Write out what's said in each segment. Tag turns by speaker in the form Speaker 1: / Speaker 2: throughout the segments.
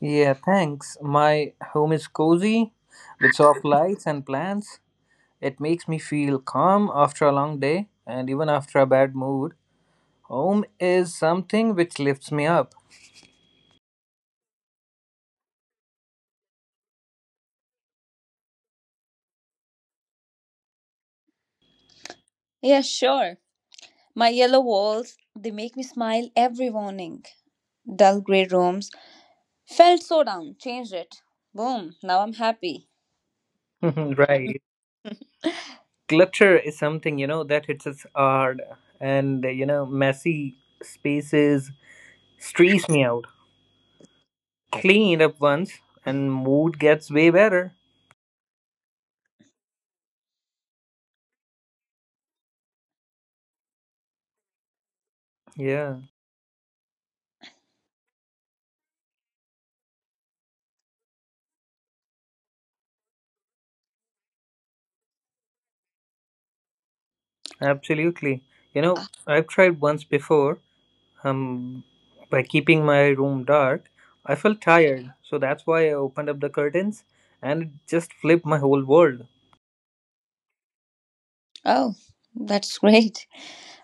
Speaker 1: Yeah, thanks. My home is cozy with soft lights and plants. It makes me feel calm after a long day and even after a bad mood. Home is something which lifts me up.
Speaker 2: Yeah, sure. My yellow walls, they make me smile every morning. Dull grey rooms. Felt so down, changed it. Boom, now I'm happy.
Speaker 1: Right. Clutter is something, that hits us hard, and, messy spaces stress me out. Cleaned up once and mood gets way better. Yeah, absolutely. You know,
Speaker 2: Ah,
Speaker 1: I've tried once before. Um, by keeping my room dark, I felt tired, so that's why I opened up the curtains and it just flipped my whole world.
Speaker 2: oh, that's great.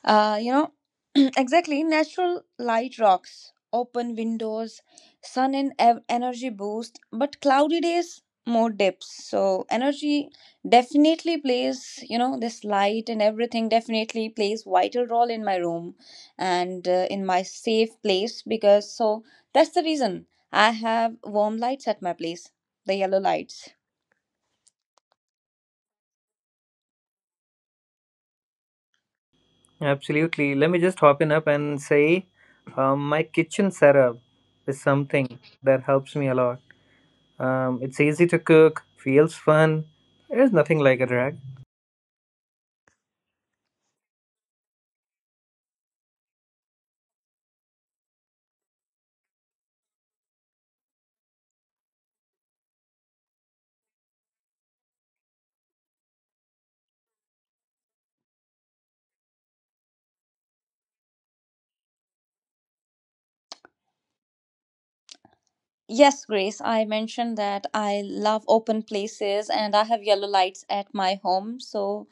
Speaker 2: Uh, you know, exactly. Natural light rocks, open windows, sun and energy boost, but cloudy days, more dips. So, energy definitely plays, this light and everything definitely plays vital role in my room and in my safe place, because so that's the reason I have warm lights at my place, the yellow lights.
Speaker 1: Absolutely. Let me just hop in up and say my kitchen setup is something that helps me a lot. It's easy to cook, feels fun. There's nothing like a drag.
Speaker 2: Yes, Grace, I mentioned that I love open places and I have yellow lights at my home. So,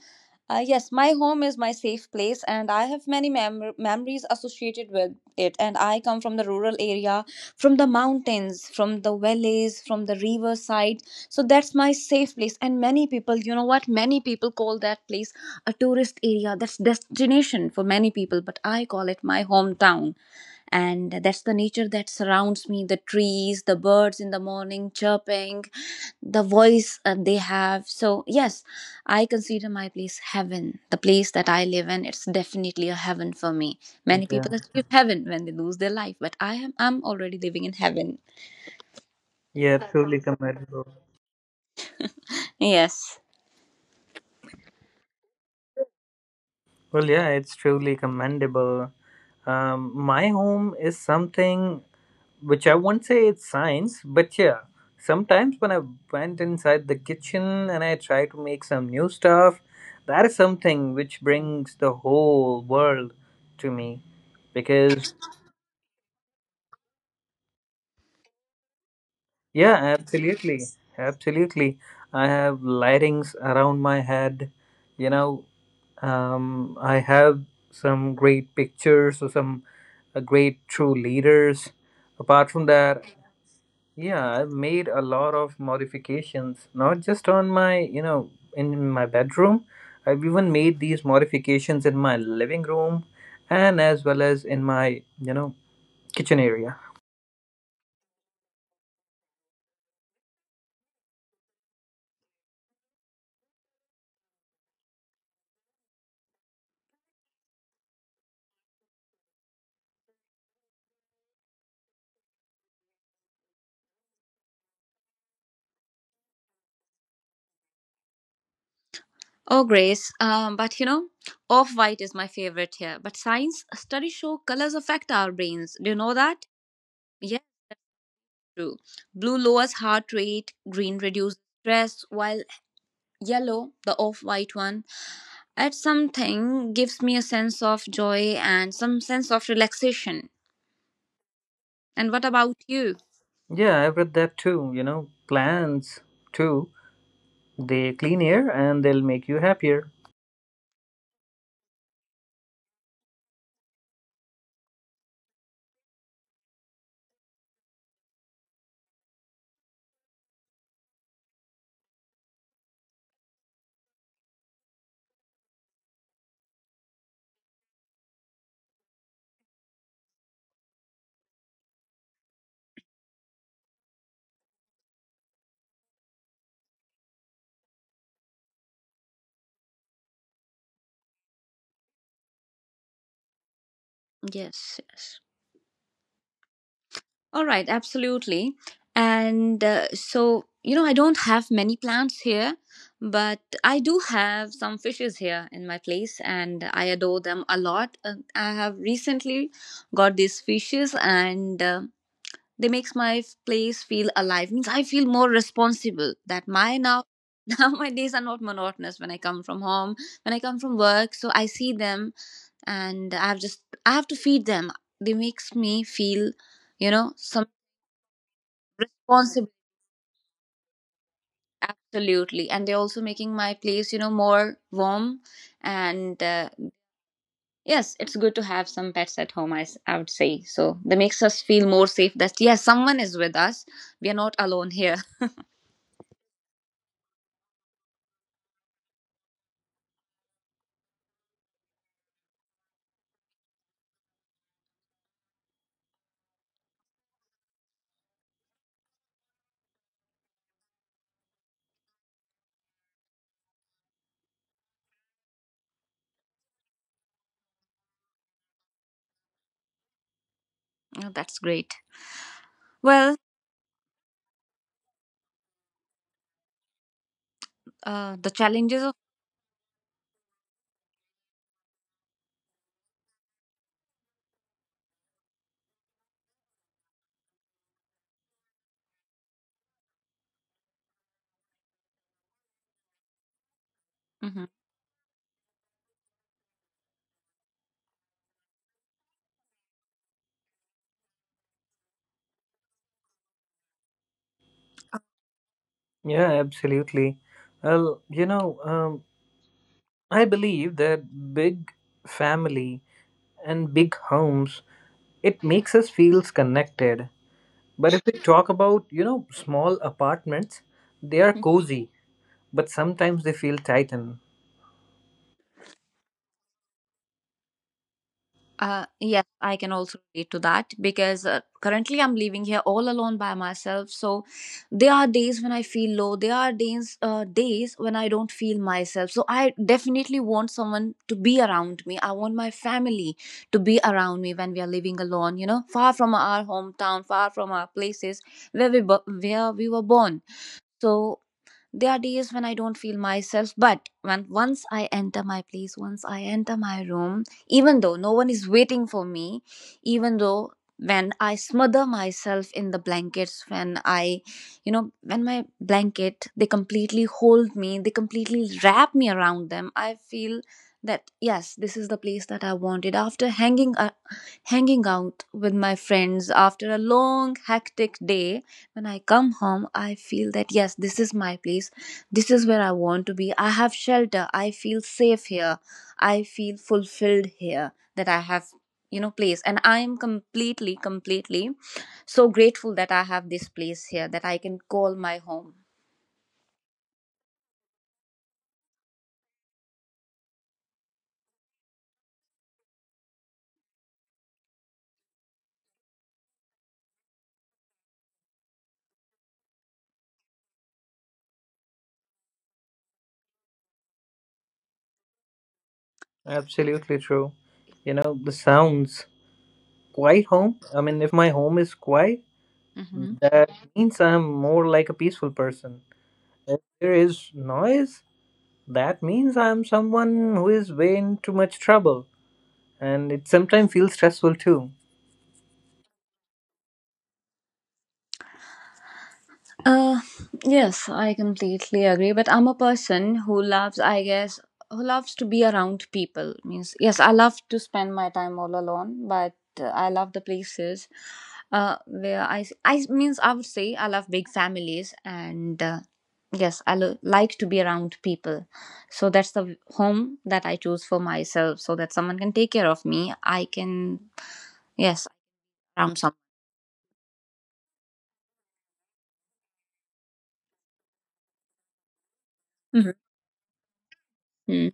Speaker 2: yes, my home is my safe place and I have many memories associated with it. And I come from the rural area, from the mountains, from the valleys, from the riverside. So, that's my safe place. And many people, you know what, many people call that place a tourist area. That's destination for many people, but I call it my hometown, and that's the nature that surrounds me, the trees, the birds in the morning chirping, the voice they have. So yes, I consider my place heaven, the place that I live in. It's definitely a heaven for me. Many
Speaker 1: Yeah,
Speaker 2: people achieve heaven when they lose their life, but I'm already living in heaven.
Speaker 1: yeah, that truly commendable.
Speaker 2: Yes,
Speaker 1: Well, yeah, it's truly commendable. My home is something which I won't say it's science, but yeah, sometimes when I went inside the kitchen and I try to make some new stuff, that is something which brings the whole world to me. Because, yeah, absolutely, absolutely. I have lightings around my head, you know, I have some great pictures or some great true leaders. Apart from that, yeah, I've made a lot of modifications, not just on my, in my bedroom. I've even made these modifications in my living room and as well as in my, kitchen area.
Speaker 2: oh Grace, but off white is my favorite here. But science studies show colors affect our brains. Do you know that? Yes, true. Blue lowers heart rate, green reduces stress, while yellow, the off white one, at something gives me a sense of joy and some sense of relaxation. And what about you?
Speaker 1: Yeah, I've read that too, you know, plants too. They clean air and they'll make you happier.
Speaker 2: Yes, yes. All right, absolutely. And so, I don't have many plants here, but I do have some fishes here in my place and I adore them a lot. I have recently got these fishes and they makes my place feel alive. Means I feel more responsible, that my now now my days are not monotonous. When I come from home, when I come from work, so I see them, and I have to feed them. They makes me feel, some responsible. Absolutely. And they're also making my place, more warm, and yes, it's good to have some pets at home. I would say so, that makes us feel more safe, that yes, someone is with us, we are not alone here. Oh, that's great. Well, the challenges of, hmm
Speaker 1: Yeah, absolutely. Well, I believe that big family and big homes, it makes us feels connected. But if we talk about, small apartments, they are cozy, but sometimes they feel tight and
Speaker 2: Yes, I can also relate to that, because currently I'm living here all alone by myself. So there are days when I feel low. There are days when I don't feel myself. So I definitely want someone to be around me. I want my family to be around me when we are living alone, far from our hometown, far from our places where where we were born. So there are days when I don't feel myself, but when once I enter my place, once I enter my room, even though no one is waiting for me, even though when I smother myself in the blankets, when I, when my blanket, they completely hold me, they completely wrap me around them, I feel that yes, this is the place that I wanted. After hanging out with my friends after a long, hectic day, when I come home, I feel that yes, this is my place, this is where I want to be, I have shelter, I feel safe here, I feel fulfilled here, that I have, place, and I am completely, completely so grateful that I have this place here, that I can call my home.
Speaker 1: absolutely true. You know, the sounds. Quiet home. I mean, if my home is quiet,
Speaker 2: hmm
Speaker 1: that means I'm more like a peaceful person. If there is noise, that means I'm someone who is way in too much trouble. And it sometimes feels stressful too.
Speaker 2: Uh, yes, I completely agree. But I'm a person who loves, I guess, who loves to be around people. Means, yes, I love to spend my time all alone, but I love the places where I means, I would say I love big families, and yes, I like to be around people. So that's the home that I choose for myself, so that someone can take care of me. I can, yes, around someone. Mhm. Mm.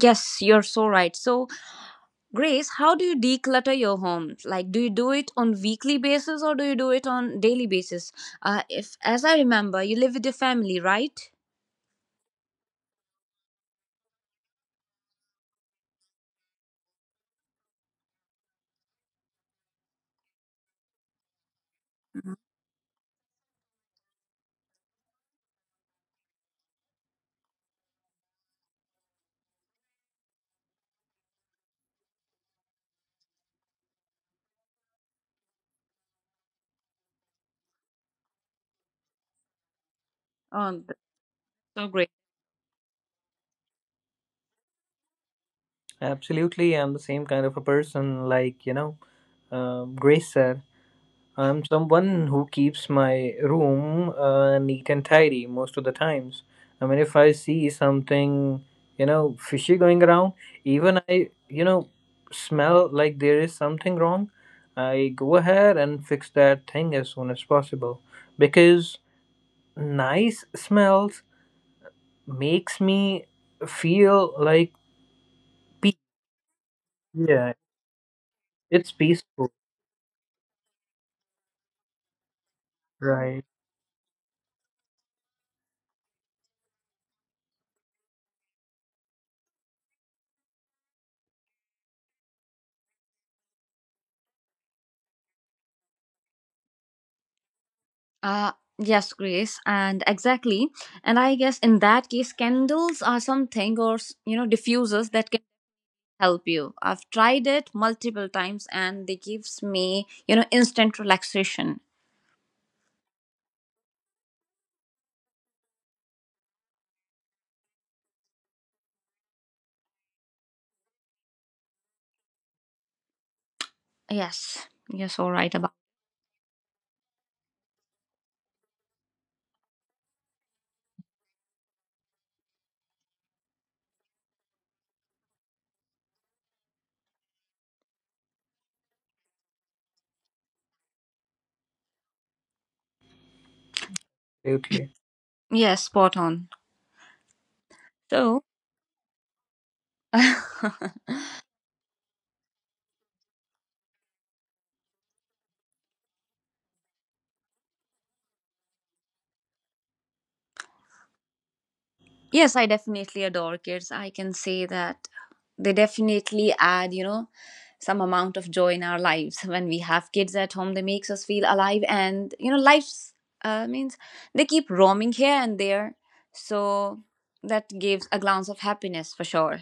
Speaker 2: Yes, you're so right. So, Grace, how do you declutter your home? Like, do you do it on weekly basis or do you do it on daily basis? If, as I remember, you live with your family, right? Mhm. That's so great.
Speaker 1: Absolutely, I'm the same kind of a person, like, Grace said. I'm someone who keeps my room neat and tidy most of the times. I mean, if I see something, fishy going around, even I, smell like there is something wrong, I go ahead and fix that thing as soon as possible because nice smells makes me feel like peace. Yeah, it's peaceful, right?
Speaker 2: Uh, yes, Grace, and exactly. And I guess in that case, candles are something, or diffusers that can help you. I've tried it multiple times, and they gives me, instant relaxation. Yes, yes, all right about.
Speaker 1: Absolutely.
Speaker 2: Yes, spot on. So. Yes, I definitely adore kids. I can say that they definitely add, some amount of joy in our lives. When we have kids at home, they makes us feel alive, and, life's means they keep roaming here and there. So that gives a glance of happiness for sure.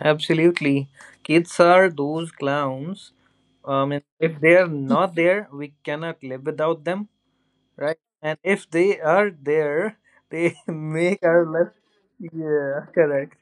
Speaker 1: Absolutely. Kids are those clowns. And if they are not there, we cannot live without them, right? And if they are there, they make our life. Yeah, correct.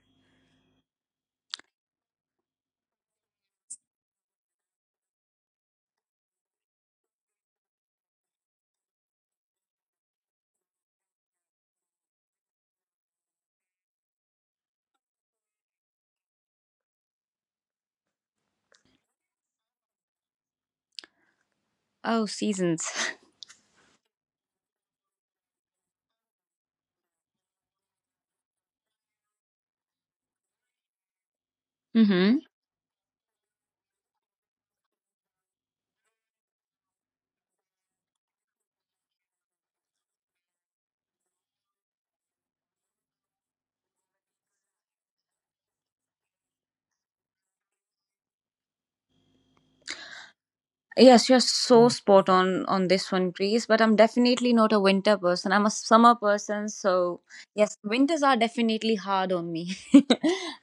Speaker 2: Oh, seasons. Mm-hmm. Yes, you're so
Speaker 1: Yeah,
Speaker 2: spot on this one, Grace. But I'm definitely not a winter person. I'm a summer person. So yes, winters are definitely hard on me.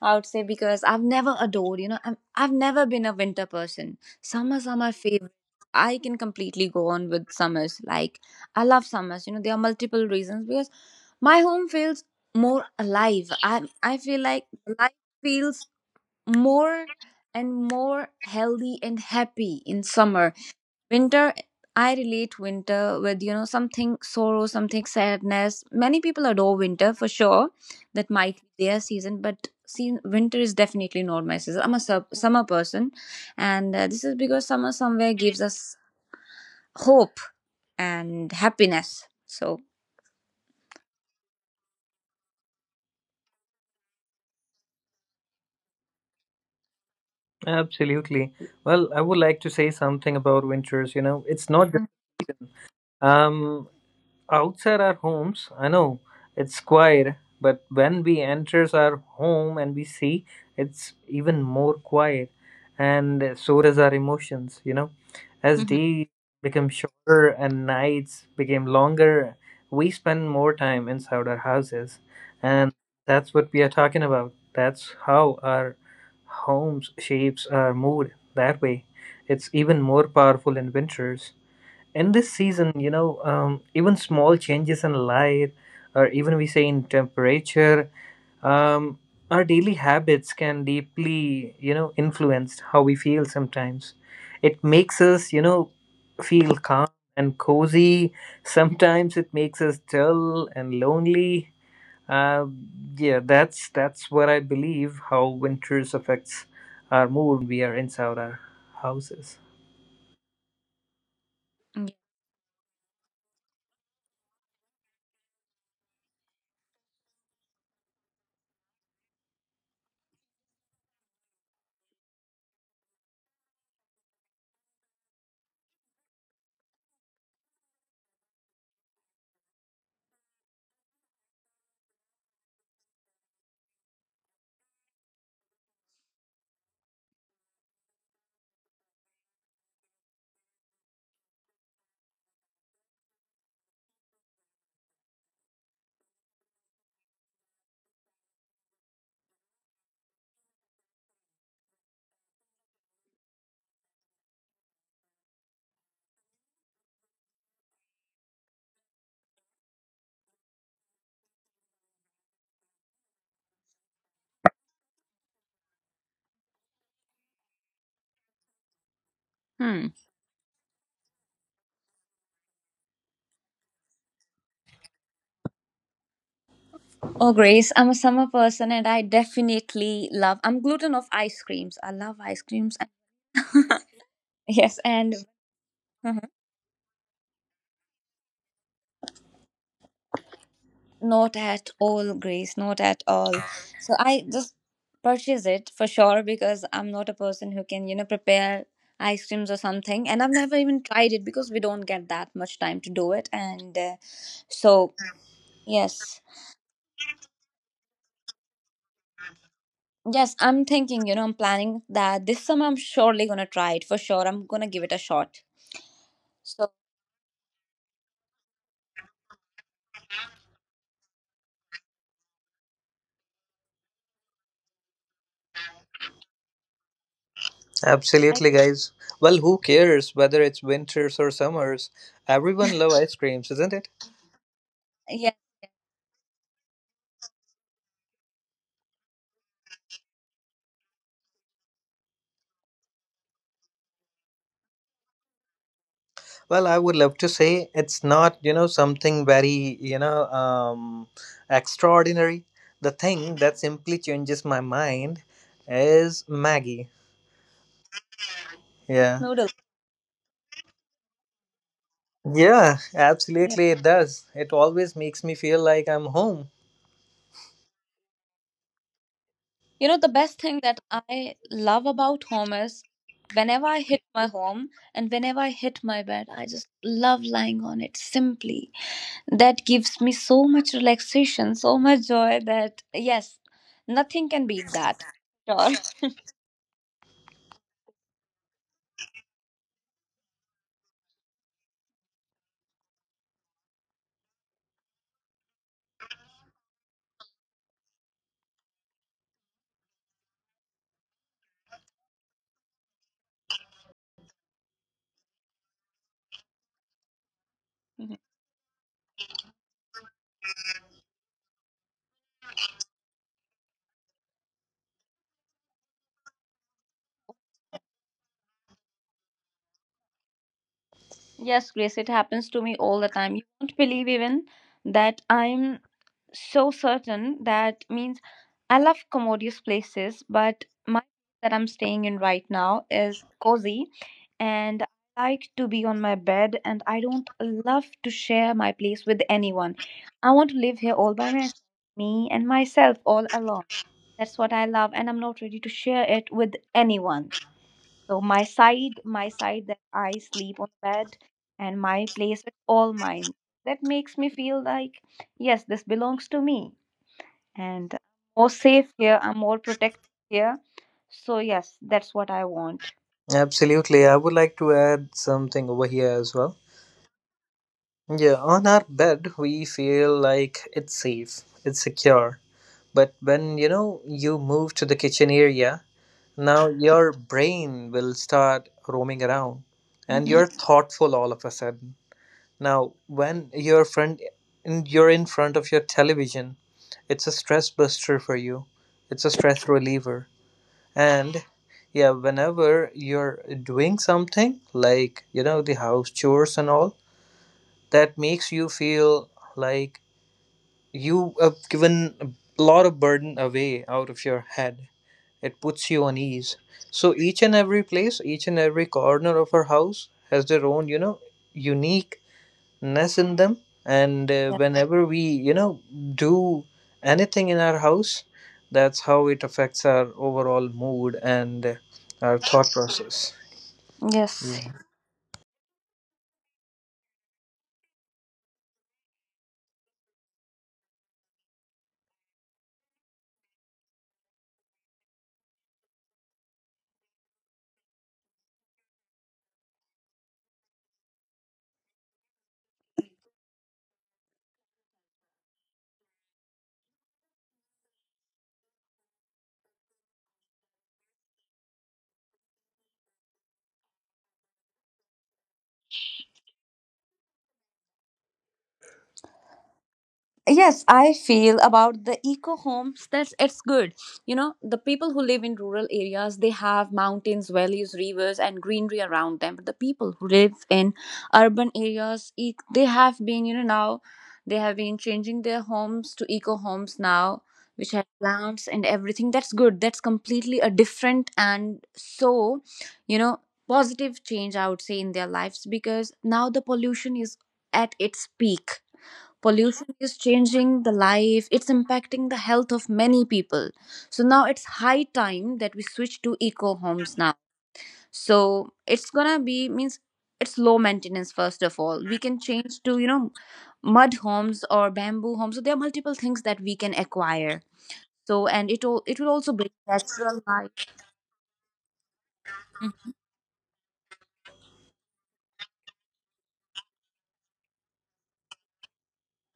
Speaker 2: I would say, because I've never adored. I've never been a winter person. Summers are my favorite. I can completely go on with summers. Like I love summers. There are multiple reasons because my home feels more alive. I feel like life feels more and more healthy and happy in summer. Winter, I relate winter with, something sorrow, something sadness. Many people adore winter for sure, that might be their season, but see, winter is definitely not my season. I'm a summer person, and this is because summer somewhere gives us hope and happiness. So.
Speaker 1: absolutely. Well, I would like to say something about winters. You know, it's not just season. Um, outside our homes, I know it's quiet, but when we enters our home and we see, it's even more quiet, and so does our emotions. You know, as
Speaker 2: Mhm.
Speaker 1: days become shorter and nights became longer, we spend more time inside our houses, and that's what we are talking about. That's how our homes shapes our mood. That way, it's even more powerful in winters in this season, even small changes in light, or even we say in temperature, um, our daily habits can deeply, influence how we feel sometimes. It makes us, feel calm and cozy. Sometimes it makes us dull and lonely. Uh, yeah, that's what I believe how winters affects our mood when we are inside our houses.
Speaker 2: Mhm. Hmm. Oh, Grace, I'm a summer person and I definitely love, I'm gluten of ice creams. I love ice creams. Yes, and not at all, Grace, not at all. So I just purchase it for sure, because I'm not a person who can, prepare ice creams or something. And I've never even tried it because we don't get that much time to do it. And so, yes. Yes, I'm thinking, I'm planning that this summer I'm surely gonna try it for sure. I'm gonna give it a shot. So I,
Speaker 1: Absolutely, guys. Well, who cares whether it's winters or summers? Everyone love ice creams, isn't it?
Speaker 2: yeah,
Speaker 1: Well, I would love to say it's not, something very, extraordinary. The thing that simply changes my mind is Maggie. Yeah.
Speaker 2: noodle.
Speaker 1: Yeah, absolutely, it does. It always makes me feel like I'm home.
Speaker 2: The best thing that I love about home is whenever I hit my home and whenever I hit my bed, I just love lying on it simply. That gives me so much relaxation, so much joy, that yes, nothing can beat that. Sure. Mhm. Yes, Grace, it happens to me all the time. You won't believe even that I'm so certain, that means I love commodious places, but my that I'm staying in right now is cozy, and I like to be on my bed, and I don't love to share my place with anyone. I want to live here all by myself, me and myself all alone. That's what I love, and I'm not ready to share it with anyone. So my side that I sleep on the bed, and my place is all mine. That makes me feel like yes, this belongs to me, and I'm more safe here, I'm more protected here. So yes, that's what I want.
Speaker 1: Absolutely. I would like to add something over here as well. Yeah, on our bed, we feel like it's safe, it's secure, but when you know you move to the kitchen area, now your brain will start roaming around and
Speaker 2: Hmm.
Speaker 1: you're thoughtful all of a sudden. Now when you're front in, you're in front of your television, it's a stress buster for you, it's a stress reliever. And yeah, whenever you're doing something like, you know, the house chores and all, that makes you feel like you have given a lot of burden away out of your head. It puts you on ease. So each and every place, each and every corner of our house has their own, you know, uniqueness in them. And whenever we, do anything in our house, that's how it affects our overall mood and our thought process.
Speaker 2: Yes.
Speaker 1: Yeah,
Speaker 2: Yes, I feel about the eco homes, that's it's good. The people who live in rural areas, they have mountains, valleys, rivers, and greenery around them. But the people who live in urban areas, e- they have been you know now they have been changing their homes to eco homes now, which have plants and everything. That's good, that's completely a different and so, you know positive change I would say, in their lives, because now the pollution is at its peak, pollution is changing the life, it's impacting the health of many people. So now it's high time that we switch to eco homes now. So it's gonna be, means it's low maintenance. First of all, we can change to, mud homes or bamboo homes. So there are multiple things that we can acquire. So, and it will also bring natural light. Mhm.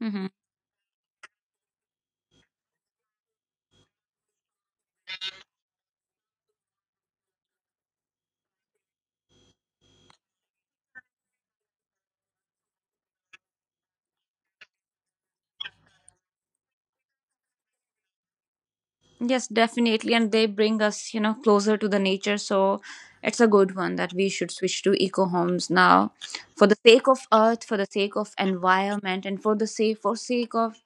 Speaker 2: Mhm. Yes, definitely. And they bring us, closer to the nature. So it's a good one that we should switch to eco homes now, for the sake of earth, for the sake of environment, and for the sake for sake of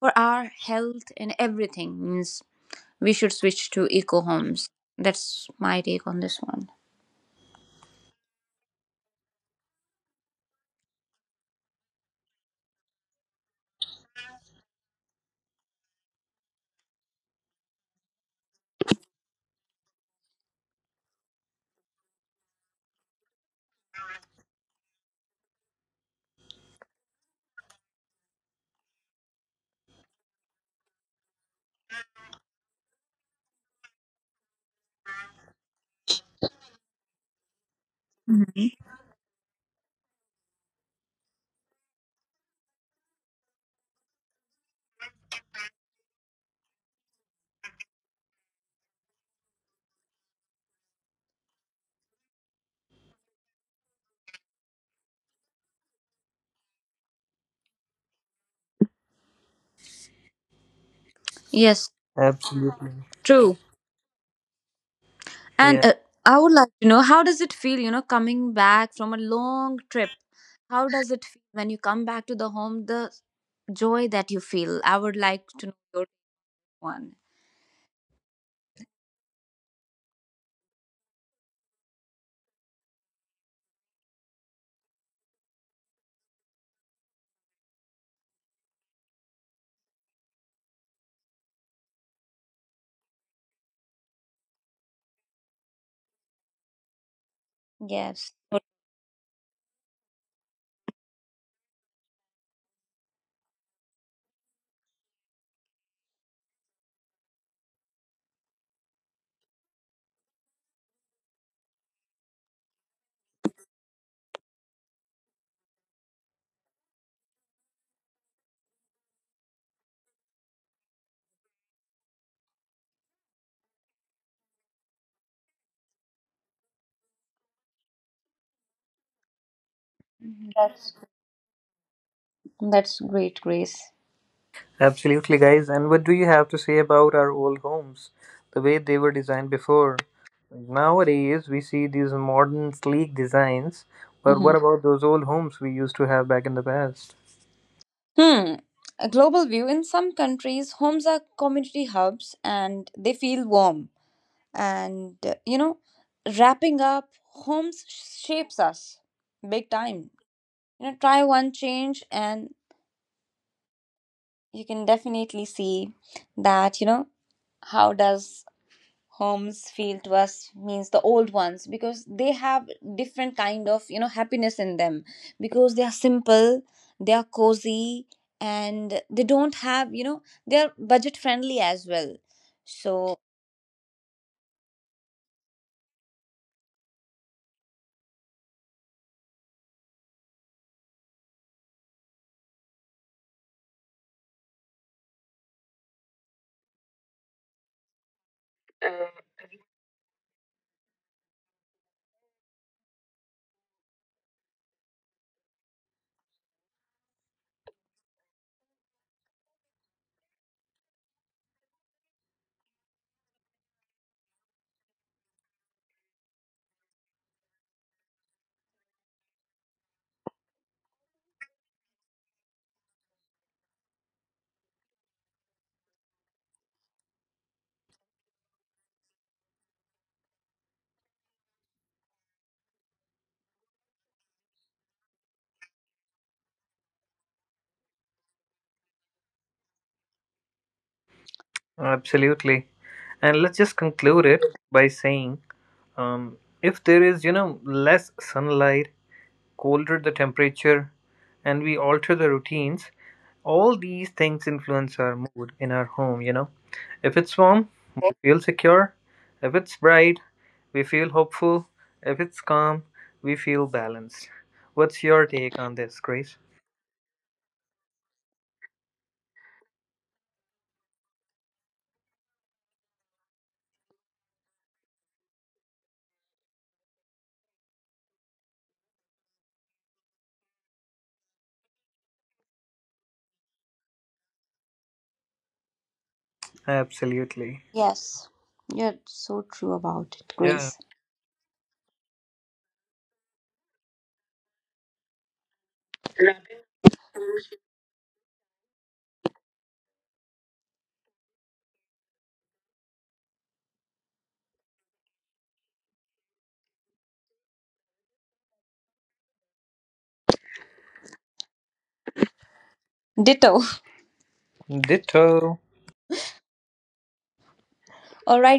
Speaker 2: for our health and everything. Means we should switch to eco homes. That's my take on this one. Mhm. Yes,
Speaker 1: absolutely.
Speaker 2: true. And
Speaker 1: Yeah.
Speaker 2: I would like to know how does it feel, coming back from a long trip? How does it feel when you come back to the home? The joy that you feel. I would like to know your one. Yes. Mhm. That's great, Grace.
Speaker 1: Absolutely, guys. And what do you have to say about our old homes, the way they were designed before? Nowadays, we see these modern, sleek designs, but
Speaker 2: Hmm.
Speaker 1: what about those old homes we used to have back in the past?
Speaker 2: Hmm. A global view. In some countries, homes are community hubs, and they feel warm. And wrapping up, homes shapes us big time. Try one change, and you can definitely see that you know how does homes feel to us, means the old ones, because they have different kind of, happiness in them, because they are simple, they are cozy, and they don't have, they are budget friendly as well. So
Speaker 1: Absolutely. And let's just conclude it by saying if there is, you know, less sunlight, colder the temperature, and we alter the routines. All these things influence our mood in our home, you know. If it's warm, we feel secure. If it's bright, we feel hopeful. If it's calm, we feel balanced. What's your take on this, Grace? Absolutely.
Speaker 2: yes, you're so true about it,
Speaker 1: Yeah.
Speaker 2: Grace. Ditto.
Speaker 1: Ditto.
Speaker 2: All right,